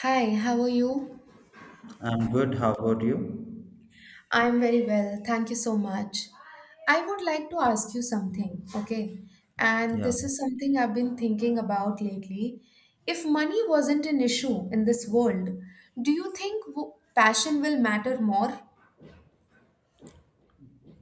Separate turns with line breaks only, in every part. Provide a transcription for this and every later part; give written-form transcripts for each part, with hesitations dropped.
Hi, how are you?
I'm good. How about you?
I'm very well. Thank you so much. I would like to ask you something, okay? And
Yeah.
this is something I've been thinking about lately. If money wasn't an issue in this world, do you think passion will matter more?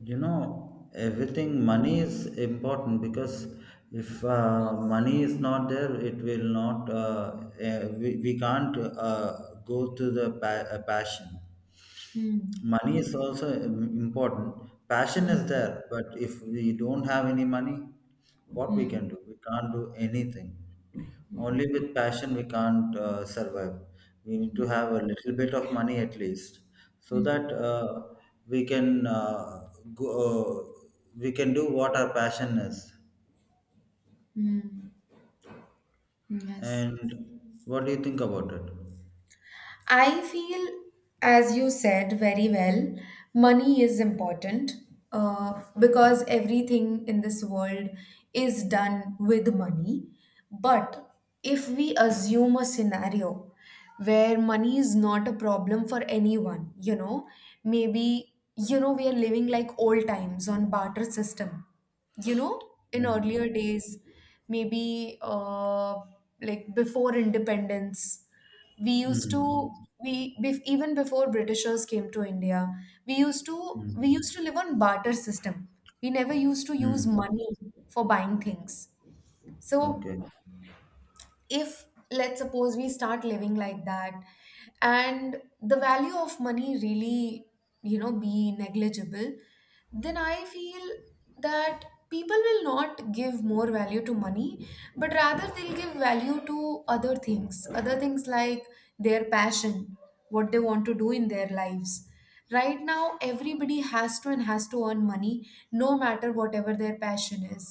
You know, everything, money is important because if money is not there, it will not, we can't go to the passion.
Hmm.
Money is also important. Passion
Hmm.
is there, but if we don't have any money, what we can
Hmm.
do? We can't do anything. Only with passion we can't survive. We need to have a little bit of money at least, so
Hmm.
that we can go, we can do what our passion is.
Hmm. Hmm. Yes.
And what do you think about it?
I feel, as you said very well, money is important because everything in this world is done with money. But if we assume a scenario where money is not a problem for anyone, you know, maybe, you know, we are living like old times on barter system, you know, in
Mm.
earlier days, maybe like before independence, we used to
Mm.
we bef- even before Britishers came to India, we used to we
Mm.
used to live on barter system. We never used to use
Mm.
money for buying things. So
Okay.
if, let's suppose we start living like that, and the value of money really, you know, be negligible, then I feel that people will not give more value to money, but rather they'll give value to other things, other things like their passion, what they want to do in their lives. Right now everybody has to and has to earn money, no matter whatever their passion is.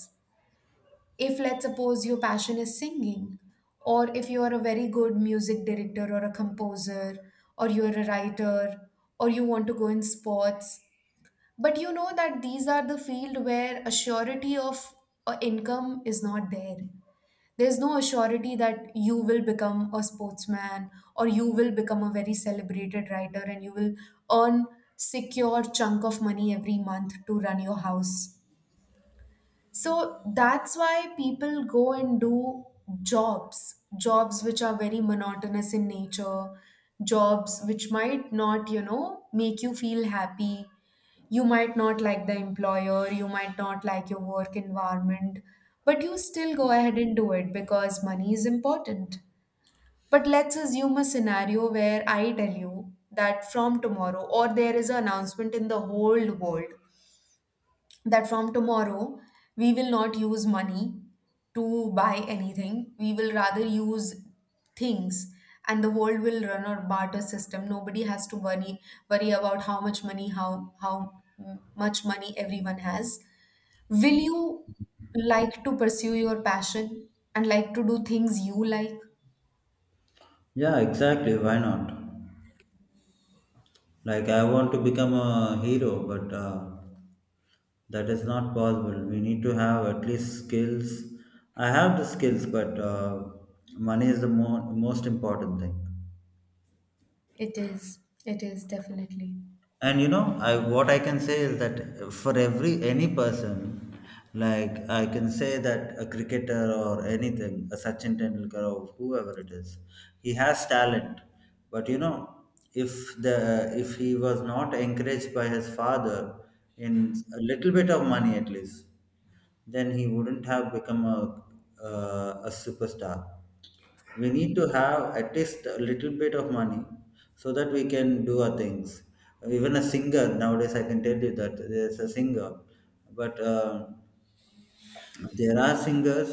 If let's suppose your passion is singing, or if you are a very good music director or a composer, or you are a writer, or you want to go in sports, but you know that these are the field where a surety of income is not there. There's no surety that you will become a sportsman or you will become a very celebrated writer and you will earn secure chunk of money every month to run your house. So that's why people go and do jobs, jobs which are very monotonous in nature, jobs which might not, you know, make you feel happy. You might not like the employer, you might not like your work environment, but you still go ahead and do it because money is important. But let's assume a scenario where I tell you that from tomorrow, or there is an announcement in the whole world that from tomorrow we will not use money to buy anything. We will rather use things, and the world will run on barter system. Nobody has to worry about how much money, how much money everyone has. Will you like to pursue your passion and like to do things you like?
Yeah, exactly. Why not? Like, I want to become a hero, but that is not possible. We need to have at least skills. I have the skills, but money is the most important thing.
It is. It is definitely.
And you know, I what I can say is that for every any person, like, I can say that a cricketer or anything, a Sachin Tendulkar or whoever it is, he has talent. But you know, if the if he was not encouraged by his father in a little bit of money at least, then he wouldn't have become a superstar. We need to have at least a little bit of money so that we can do our things. Even a singer nowadays, I can tell you that there's a singer, but there are singers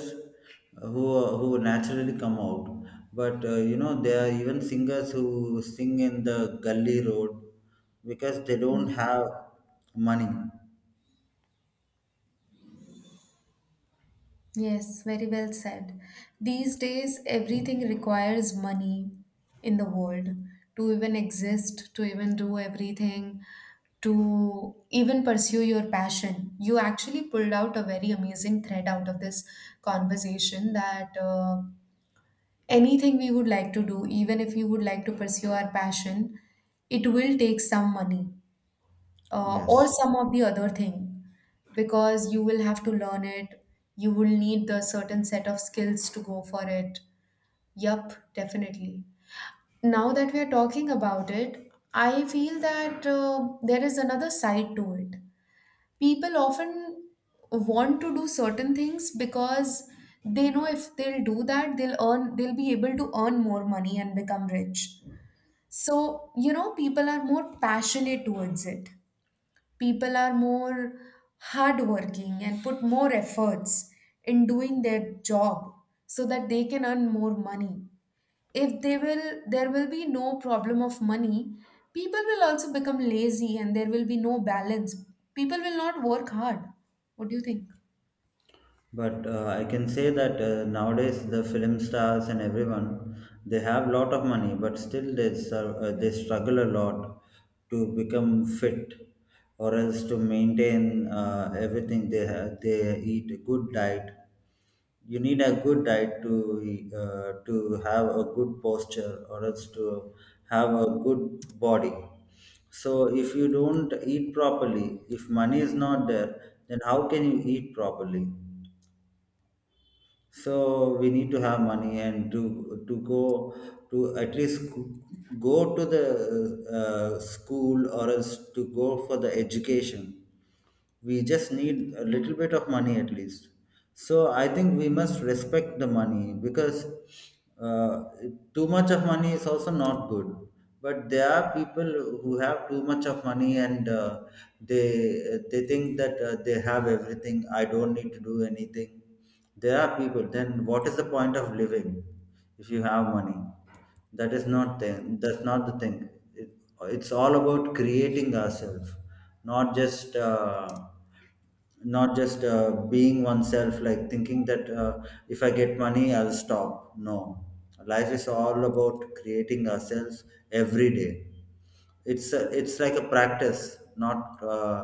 who naturally come out. But you know, there are even singers who sing in the gully road because they don't have money.
Yes, very well said. These days, everything requires money in the world to even exist, to even do everything, to even pursue your passion. You actually pulled out a very amazing thread out of this conversation that anything we would like to do, even if we would like to pursue our passion, it will take some money or
Yes.
some of the other thing, because you will have to learn it, you will need the certain set of skills to go for it. Yup, definitely. Now that we are talking about it, I feel that there is another side to it. People often want to do certain things because they know if they'll do that, they'll earn, they'll be able to earn more money and become rich. So you know, people are more passionate towards it, people are more hardworking and put more efforts in doing their job so that they can earn more money. If they will, there will be no problem of money, people will also become lazy and there will be no balance, people will not work hard. What do you think?
But I can say that nowadays the film stars and everyone, they have lot of money, but still they serve, they struggle a lot to become fit, or else to maintain everything they have. They eat a good diet. You need a good diet to uh, to have a good posture, or else to have a good body. So if you don't eat properly, if money is not there, then how can you eat properly? So we need to have money, and to go to, at least go to the school, or else to go for the education. We just need a little bit of money at least. So I think we must respect the money, because uh, too much of money is also not good. But there are people who have too much of money, and they think that they have everything, I don't need to do anything. There are people, then what is the point of living if you have money? That is not thing, that's not the thing. It's all about creating ourselves, not just uh, not just being oneself, like thinking that if I get money I'll stop. No, life is all about creating ourselves every day. It's like a practice, not uh,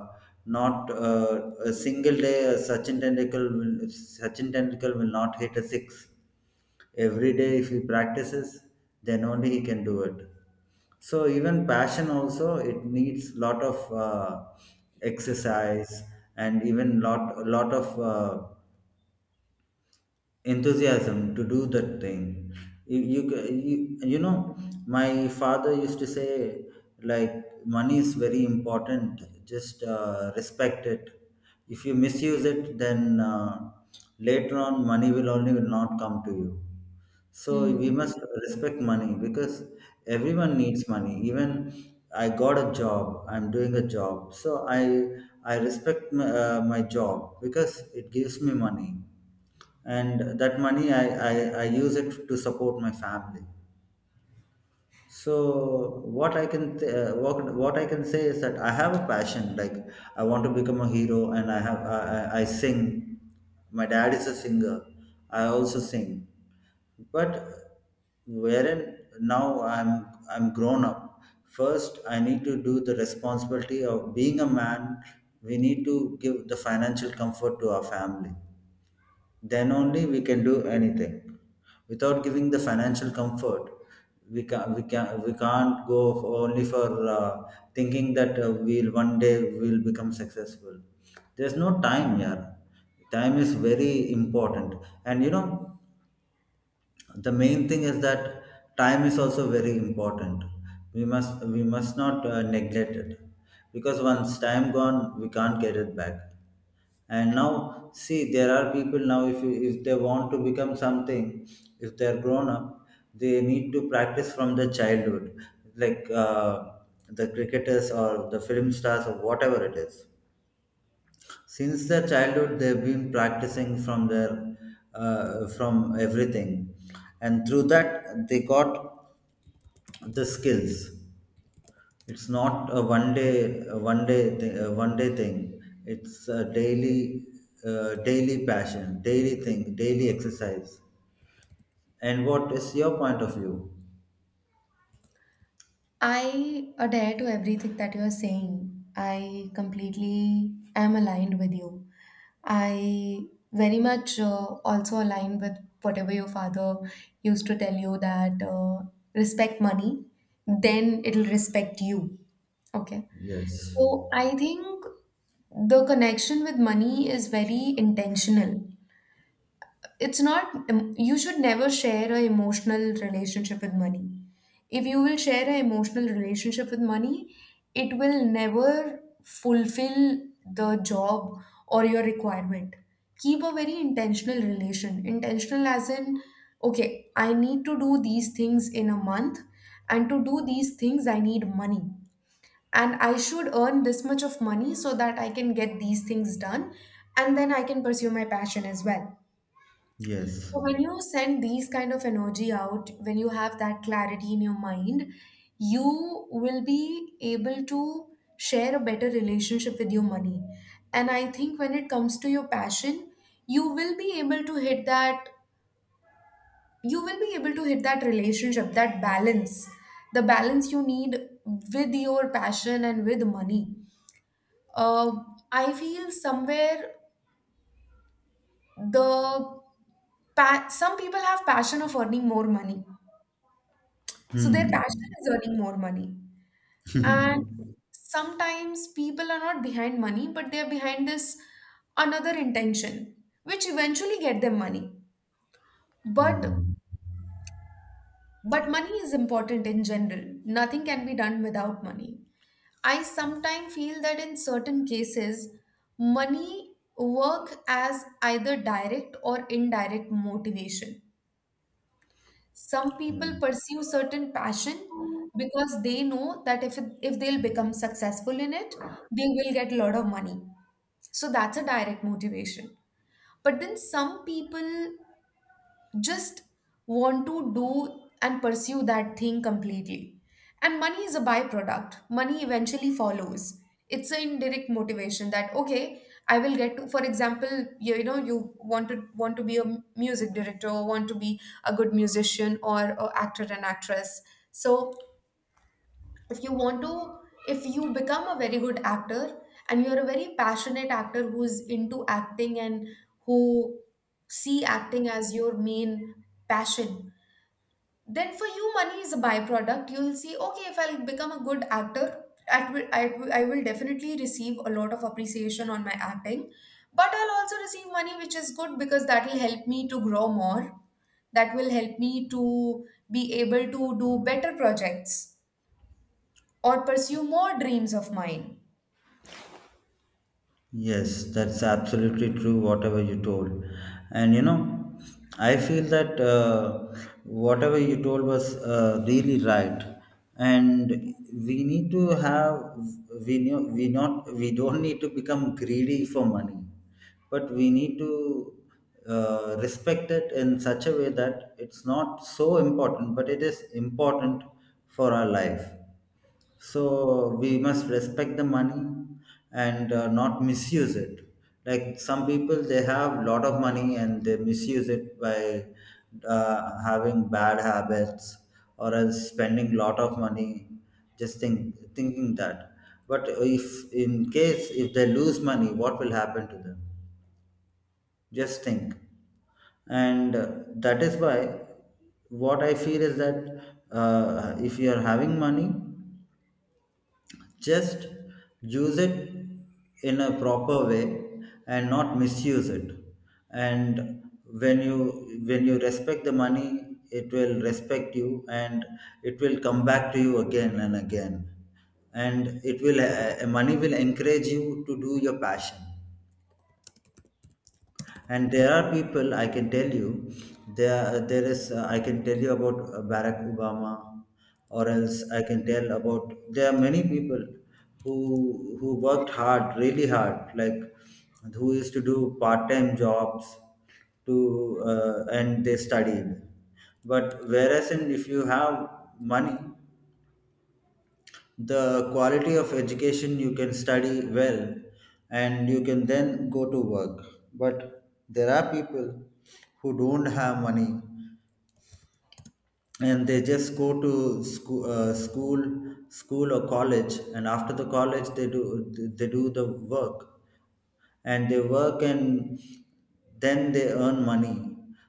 not uh, a single day. Sachin Tendulkar will, Sachin Tendulkar will not hit a six every day. If he practices, then only he can do it. So even passion also, it needs lot of uh, exercise, and even lot of enthusiasm to do that thing. You, you ca- you you know, my father used to say, like, money is very important, just respect it. If you misuse it, then later on money will only will not come to you. So we
Hmm.
must respect money, because everyone needs money. Even I got a job, I'm doing a job, so I respect my job, because it gives me money. And that money I use it to support my family. So what I can th- what I can say is that I have a passion. Like, I want to become a hero, and I have I sing. My dad is a singer. I also sing, but wherein now I'm grown up. First, I need to do the responsibility of being a man. We need to give the financial comfort to our family, then only we can do anything. Without giving the financial comfort, we can't go for, only for thinking that we'll one day we'll become successful. There's no time. Yeah, time is very important. And you know, the main thing is that time is also very important. We must not neglect it, because once time gone, we can't get it back. And now see, there are people now, if you, if they want to become something, if they're grown up, they need to practice from the childhood. Like the cricketers or the film stars or whatever it is, since their childhood they've been practicing from their from everything, and through that they got the skills. It's not a one day, a one day thing. It's a daily daily passion, daily thing, daily exercise. And what is your point of view?
I adhere to everything that you are saying. I completely am aligned with you. I very much also align with whatever your father used to tell you that respect money, then it'll respect you. Okay.
Yes.
So I think the connection with money is very intentional, it's not, you should never share a emotional relationship with money. If you will share an emotional relationship with money, it will never fulfill the job or your requirement. Keep a very intentional relation, intentional as in, okay, I need to do these things in a month, and to do these things I need money, and I should earn this much of money so that I can get these things done, and then I can pursue my passion as well.
Yes.
So when you send these kind of energy out, when you have that clarity in your mind, you will be able to share a better relationship with your money. And I think when it comes to your passion, you will be able to hit that you will be able to hit that relationship, that balance, the balance you need with your passion and with money. Uh, I feel somewhere the some people have passion of earning more money. So their
Hmm.
passion is earning more money. And sometimes people are not behind money, but they are behind this another intention, which eventually get them money. But
Hmm.
but money is important in general. Nothing can be done without money. I sometimes feel that in certain cases, money work as either direct or indirect motivation. Some people pursue certain passion because they know that if they'll become successful in it, they will get a lot of money. So that's a direct motivation. But then some people just want to do and pursue that thing completely. And money is a byproduct. Money eventually follows. It's an indirect motivation that okay, I will get to. For example, you know, you want to be a music director, or want to be a good musician, or actor and actress. So if you want to if you become a very good actor and you're a very passionate actor who's into acting and who see acting as your main passion, then for you money is a byproduct. You'll see, okay, if I'll become a good actor, I will definitely receive a lot of appreciation on my acting, but I'll also receive money, which is good because that will help me to grow more, that will help me to be able to do better projects or pursue more dreams of mine.
Yes, that's absolutely true, whatever you told. And you know, I feel that whatever you told was really right. And we need to have, we, know, we, not, we don't need to become greedy for money, but we need to respect it in such a way that it's not so important, but it is important for our life. So we must respect the money, and not misuse it. Like some people, they have a lot of money and they misuse it by having bad habits, or else spending lot of money, just think, thinking that. But if in case if they lose money, what will happen to them? Just think. And that is why what I feel is that, if you are having money, just use it in a proper way and not misuse it. And when you respect the money, it will respect you, and it will come back to you again and again. And it will, money will encourage you to do your passion. And there are people, I can tell you, there is I can tell you about Barack Obama, or else I can tell about, there are many people who worked hard, really hard, like who used to do part time jobs to and they studied. But whereas in, if you have money, the quality of education, you can study well, and you can then go to work. But there are people who don't have money, and they just go to school, school or college, and after the college they do the work, and they work, and then they earn money.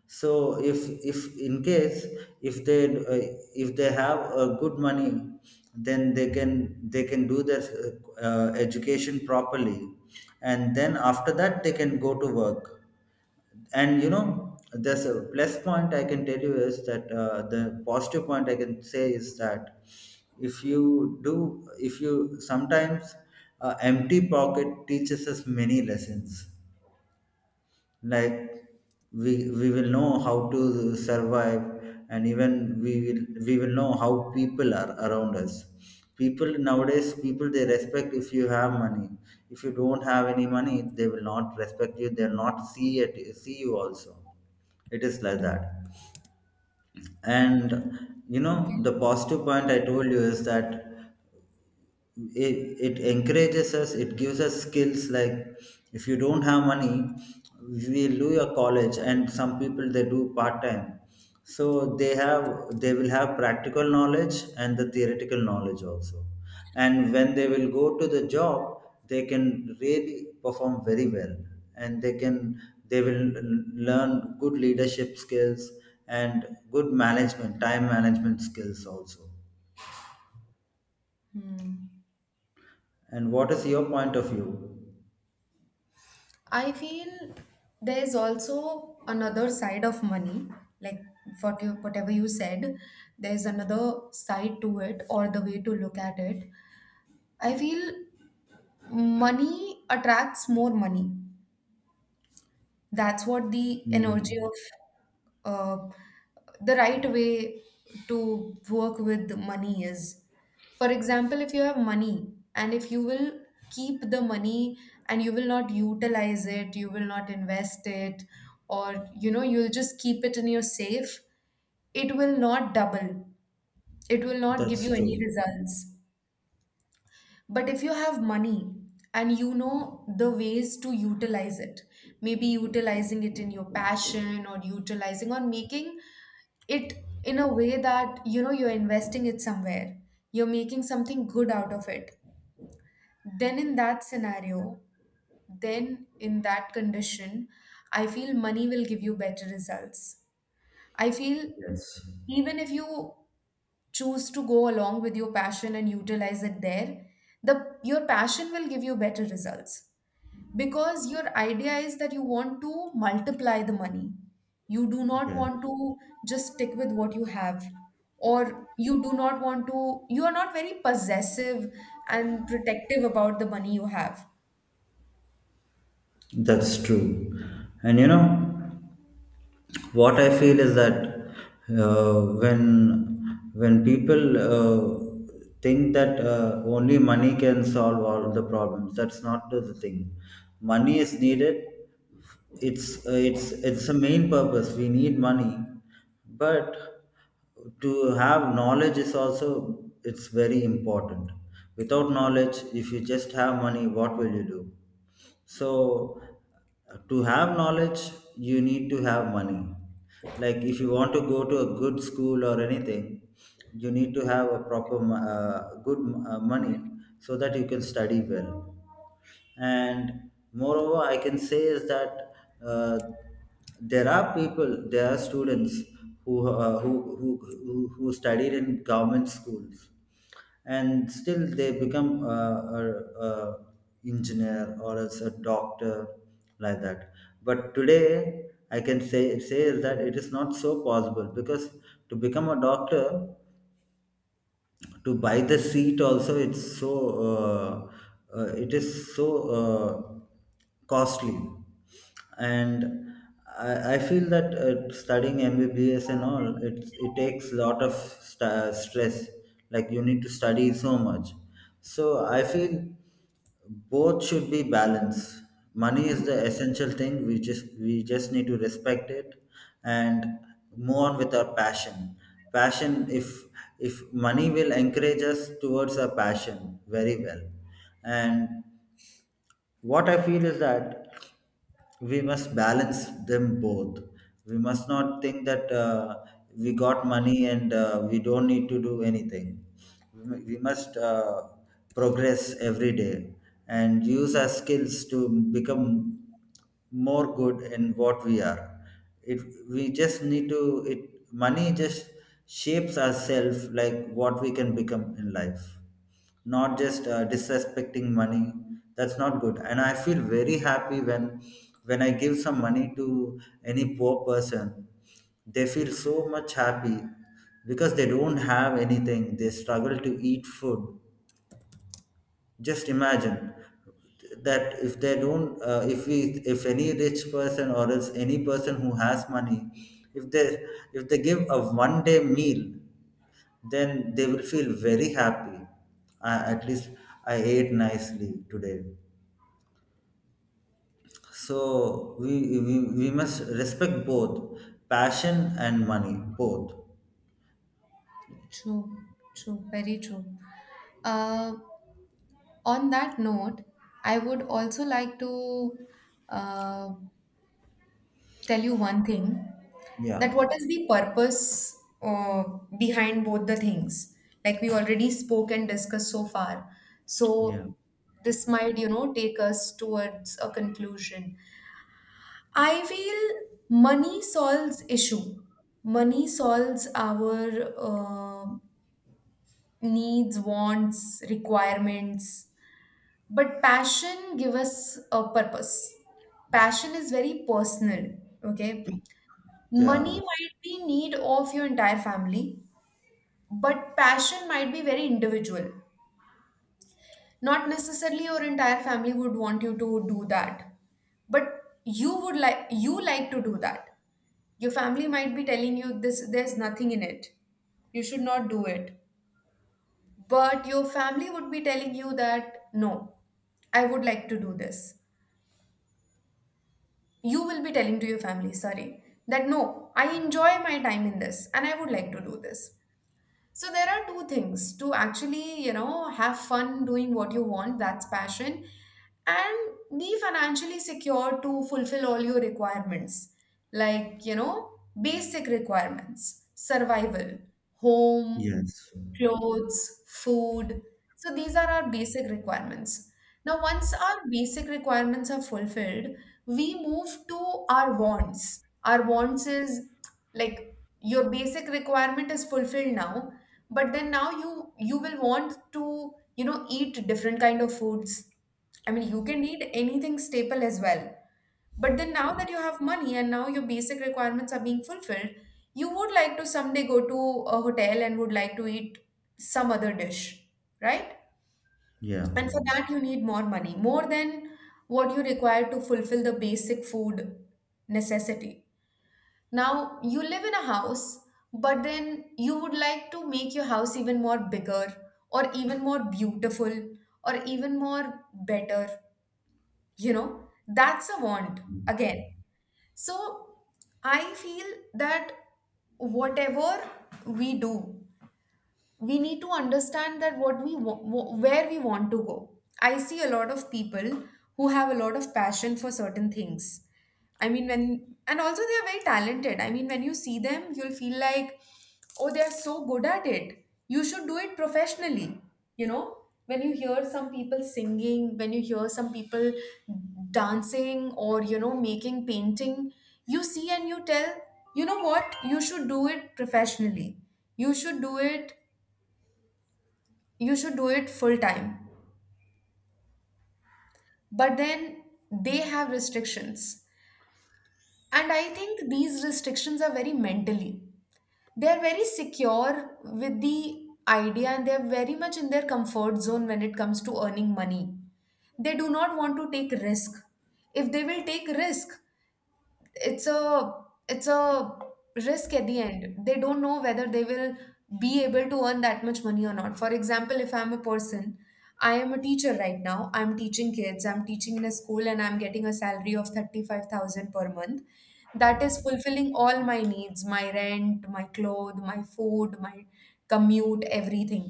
So if in case, if they uh, if they have a good money, then they can do their education properly, and then after that they can go to work. And you know, there's a plus point, I can tell you is that, the positive point I can say is that, if you do, if you sometimes empty pocket teaches us many lessons. Like, we will know how to survive, and even we will know how people are around us. People nowadays, people, they respect if you have money. If you don't have any money, they will not respect you, they'll not see it, see you also. It is like that. And you know,
Okay.
the positive point I told you is that it encourages us, it gives us skills, like, if you don't have money, we will do your college, and some people they do part time, so they have, they will have practical knowledge and the theoretical knowledge also. And when they will go to the job, they can really perform very well, and they can, they will learn good leadership skills, and good management, time management skills also.
Hmm.
And what is your point of view?
I feel there's also another side of money, like whatever you said, there's another side to it or the way to look at it. I feel money attracts more money. That's what the energy
Mm,
of the right way to work with money is. For example, if you have money and if you will keep the money and you will not utilize it, you will not invest it, or you know, you'll just keep it in your safe, it will not double. It will not give
that's
you any
true.
results. But if you have money and you know the ways to utilize it, maybe utilizing it in your passion, or utilizing or making it in a way that you know you're investing it somewhere, you're making something good out of it, then in that scenario, then in that condition, I feel money will give you better results. I feel
Yes.
even if you choose to go along with your passion and utilize it there, the your passion will give you better results. Because your idea is that you want to multiply the money. You do not
Yeah,
want to just stick with what you have. Or you do not want to, you are not very possessive and protective about the money you have.
that's true. And you know, what I feel is that, uh, when when people think that only money can solve all of the problems, that's not the thing. Money is needed, it's it's the main purpose we need money, but to have knowledge is also it's very important. Without knowledge, if you just have money, what will you do? So to have knowledge you need to have money. Like if you want to go to a good school or anything, you need to have a proper good money, so that you can study well. And moreover, I can say is that uh, there are people, there are students who, who who studied in government schools and still they become a engineer or as a doctor, like that. But today I can say is that it is not so possible, because to become a doctor, to buy the seat also it's so uh, it is so uh, costly. And I feel that studying MBBS and all, it takes a lot of stress. Like you need to study so much. So I feel both should be balanced. Money is the essential thing, we just need to respect it and move on with our passion. Passion if if money will encourage us towards our passion very well. And what I feel is that we must balance them both. We must not think that we got money and we don't need to do anything. We we must progress every day and use our skills to become more good in what we are. It we just need to it money just shapes ourselves, like what we can become in life, not just disrespecting money. That's not good. And I feel very happy when I give some money to any poor person, they feel so much happy, because they don't have anything, they struggle to eat food. Just imagine that if they don't if we, if any rich person or else any person who has money, if they if they give a one day meal, then they will feel very happy. At least I ate nicely today. So we must respect both, passion and money, both.
True, true, very true. Uh, on that note, I would also like to uh, tell you one thing,
Yeah,
that what is the purpose behind both the things, like we already spoke and discussed so far. So
yeah,
this might, you know, take us towards a conclusion. I feel money solves issue, money solves our uh, needs, wants, requirements, but passion give us a purpose. Passion is very personal, okay? Money
yeah,
might be need of your entire family, but passion might be very individual. Not necessarily your entire family would want you to do that, but you like to do that. Your family might be telling you this, there's nothing in it, you should not do it. But your family would be telling you that no, I would like to do this. You will be telling to your family, sorry, that no, I enjoy my time in this and I would like to do this. So there are two things, to actually, you know, have fun doing what you want, that's passion, and be financially secure to fulfill all your requirements, like, you know, basic requirements, survival, home,
yes,
clothes, food. So these are our basic requirements. Now, once our basic requirements are fulfilled, we move to our wants. Our wants is like your basic requirement is fulfilled now, but then now you will want to, you know, eat different kind of foods. I mean, you can eat anything staple as well. But then now that you have money and now your basic requirements are being fulfilled, you would like to someday go to a hotel and would like to eat some other dish, right?
yeah,
And for that, you need more money, more than what you require to fulfill the basic food necessity. Now, you live in a house, but then you would like to make your house even more bigger or even more beautiful or even more better, you know? That's a want again, so I feel that whatever we do, we need to understand that what we wa- wa- where we want to go. I see a lot of people who have a lot of passion for certain things. I mean, when and also they are very talented. I mean, when you see them, you'll feel like, oh, they are so good at it, you should do it professionally, you know, when you hear some people singing, when you hear some people dancing, or, you know, making painting, you see and you tell, you know what, you should do it professionally, you should do it, you should do it full time. But then they have restrictions. And I think these restrictions are very mentally. They're very secure with the idea and they're very much in their comfort zone when it comes to earning money. They do not want to take risk. If they will take risk, it's a it's a risk at the end. They don't know whether they will be able to earn that much money or not. For example, if I'm a person, I am a teacher right now, I'm teaching kids, I'm teaching in a school, and I'm getting a salary of 35,000 per month. That is fulfilling all my needs, my rent, my clothes, my food, my commute, everything.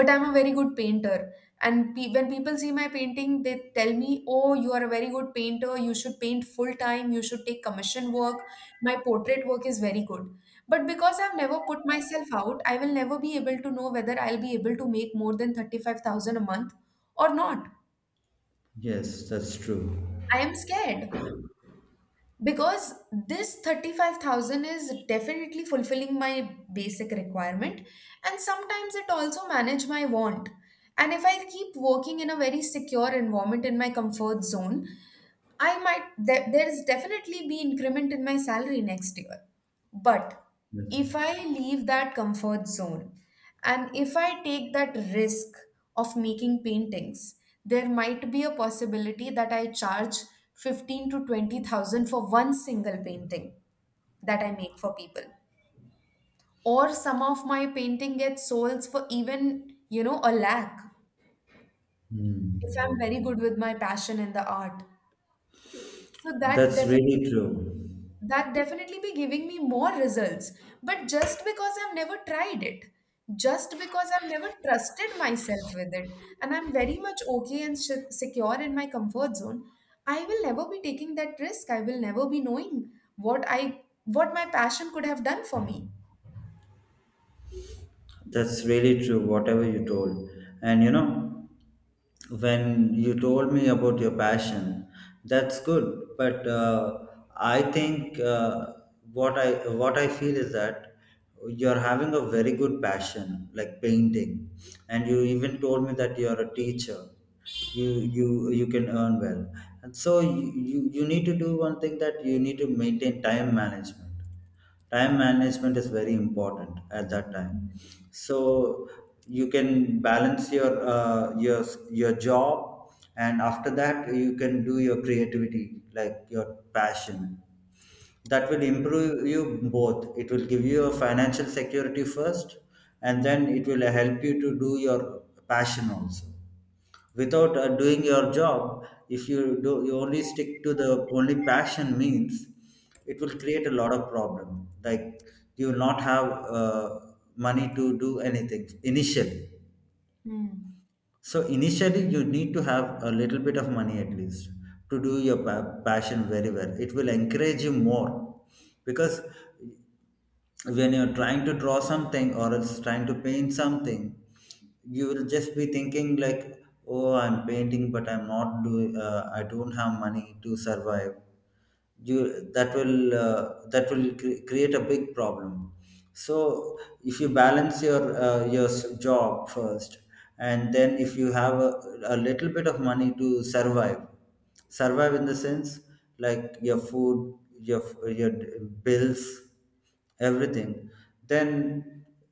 But I'm a very good painter, and when people see my painting, they tell me, oh, you are a very good painter, you should paint full time, you should take commission work, my portrait work is very good. But because I've never put myself out, I will never be able to know whether I'll be able to make more than 35,000 a month or not.
yes, that's true.
I am scared because this 35,000 is definitely fulfilling my basic requirement, and sometimes it also manage my want. And if I keep working in a very secure environment in my comfort zone, I might. There is definitely be increment in my salary next year. But
That's,
if I leave that comfort zone and if I take that risk of making paintings, there might be a possibility that I charge 15 to 20,000 for one single painting that I make for people. Or some of my painting gets sold for even, you know, a lakh if I'm
hmm.
very good with my passion in the art. So that
That's really
definitely,
true.
that definitely be giving me more results. But just because I've never tried it, just because I've never trusted myself with it, and I'm very much okay and secure in my comfort zone, I will never be taking that risk. I will never be knowing what I, what my passion could have done for me.
That's really true, whatever you told. And you know, when you told me about your passion, that's good, but I think what i what I feel is that you're having a very good passion like painting, and you even told me that you're a teacher. You can earn well. And so you need to do one thing, that you need to maintain time management. Time management is very important at that time. So you can balance your job, and after that you can do your creativity, like your passion. That will improve you both. It will give you a financial security first, and then it will help you to do your passion also. Without doing your job, if you only stick to the only passion means, it will create a lot of problem. Like you will not have money to do anything initially.
Hmm.
So initially you need to have a little bit of money at least, to do your passion very well. It will encourage you more, because when you're trying to draw something or else trying to paint something, you will just be thinking like, oh, I'm painting, but I'm not doing, I don't have money to survive. You, that will create a big problem. So if you balance your job first, and then if you have a little bit of money to survive, survive in the sense, like your food, your bills, everything, then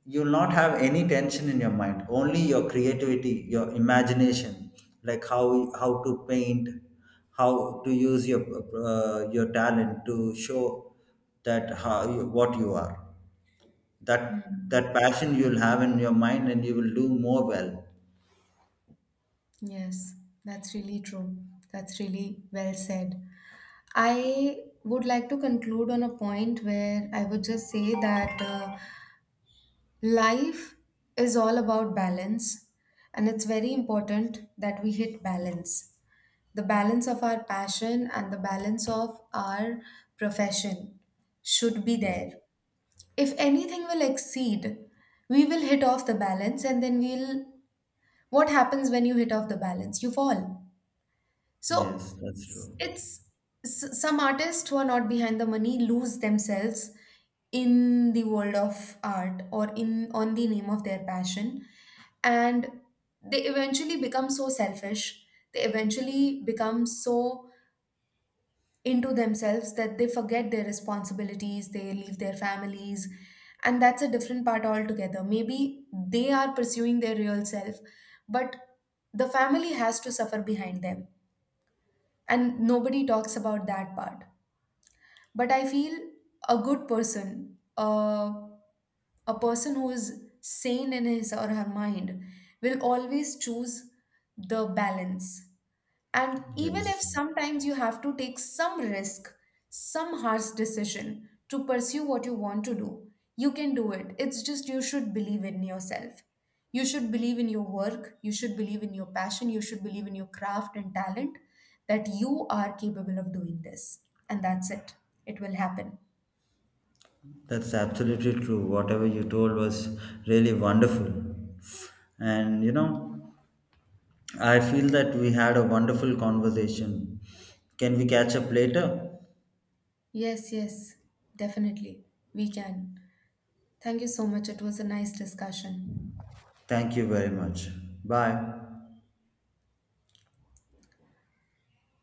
you'll not have any tension in your mind, only your creativity, your imagination, like how to paint, how to use your talent to show that how what you are. that
Hmm.
that passion you'll have in your mind and you will do more well.
Yes, that's really true. That's really well said. I would like to conclude on a point where I would just say that. Life is all about balance, and it's very important that we hit balance, the balance of our passion and the balance of our profession should be
Yes,
there. If anything will exceed, we will hit off the balance, and then we'll. What happens when you hit off the balance? You fall.
yes,
So
that's true.
it's some artists who are not behind the money lose themselves in the world of art or in on the name of their passion, and they eventually become so selfish, they eventually become so into themselves that they forget their responsibilities, they leave their families. And that's a different part altogether. Maybe they are pursuing their real self, but the family has to suffer behind them, and nobody talks about that part. But I feel a good person, a person who is sane in his or her mind will always choose the balance. And even if
Yes,
sometimes you have to take some risk, some harsh decision to pursue what you want to do, you can do it. It's just you should believe in yourself. You should believe in your work. You should believe in your passion. You should believe in your craft and talent, that you are capable of doing this. And that's it. It will happen.
that's absolutely true, whatever you told was really wonderful. And you know, I feel that we had a wonderful conversation. Can we catch up later?
Yes, yes, definitely. We can. Thank you so much. It was a nice discussion.
Thank you very much. Bye.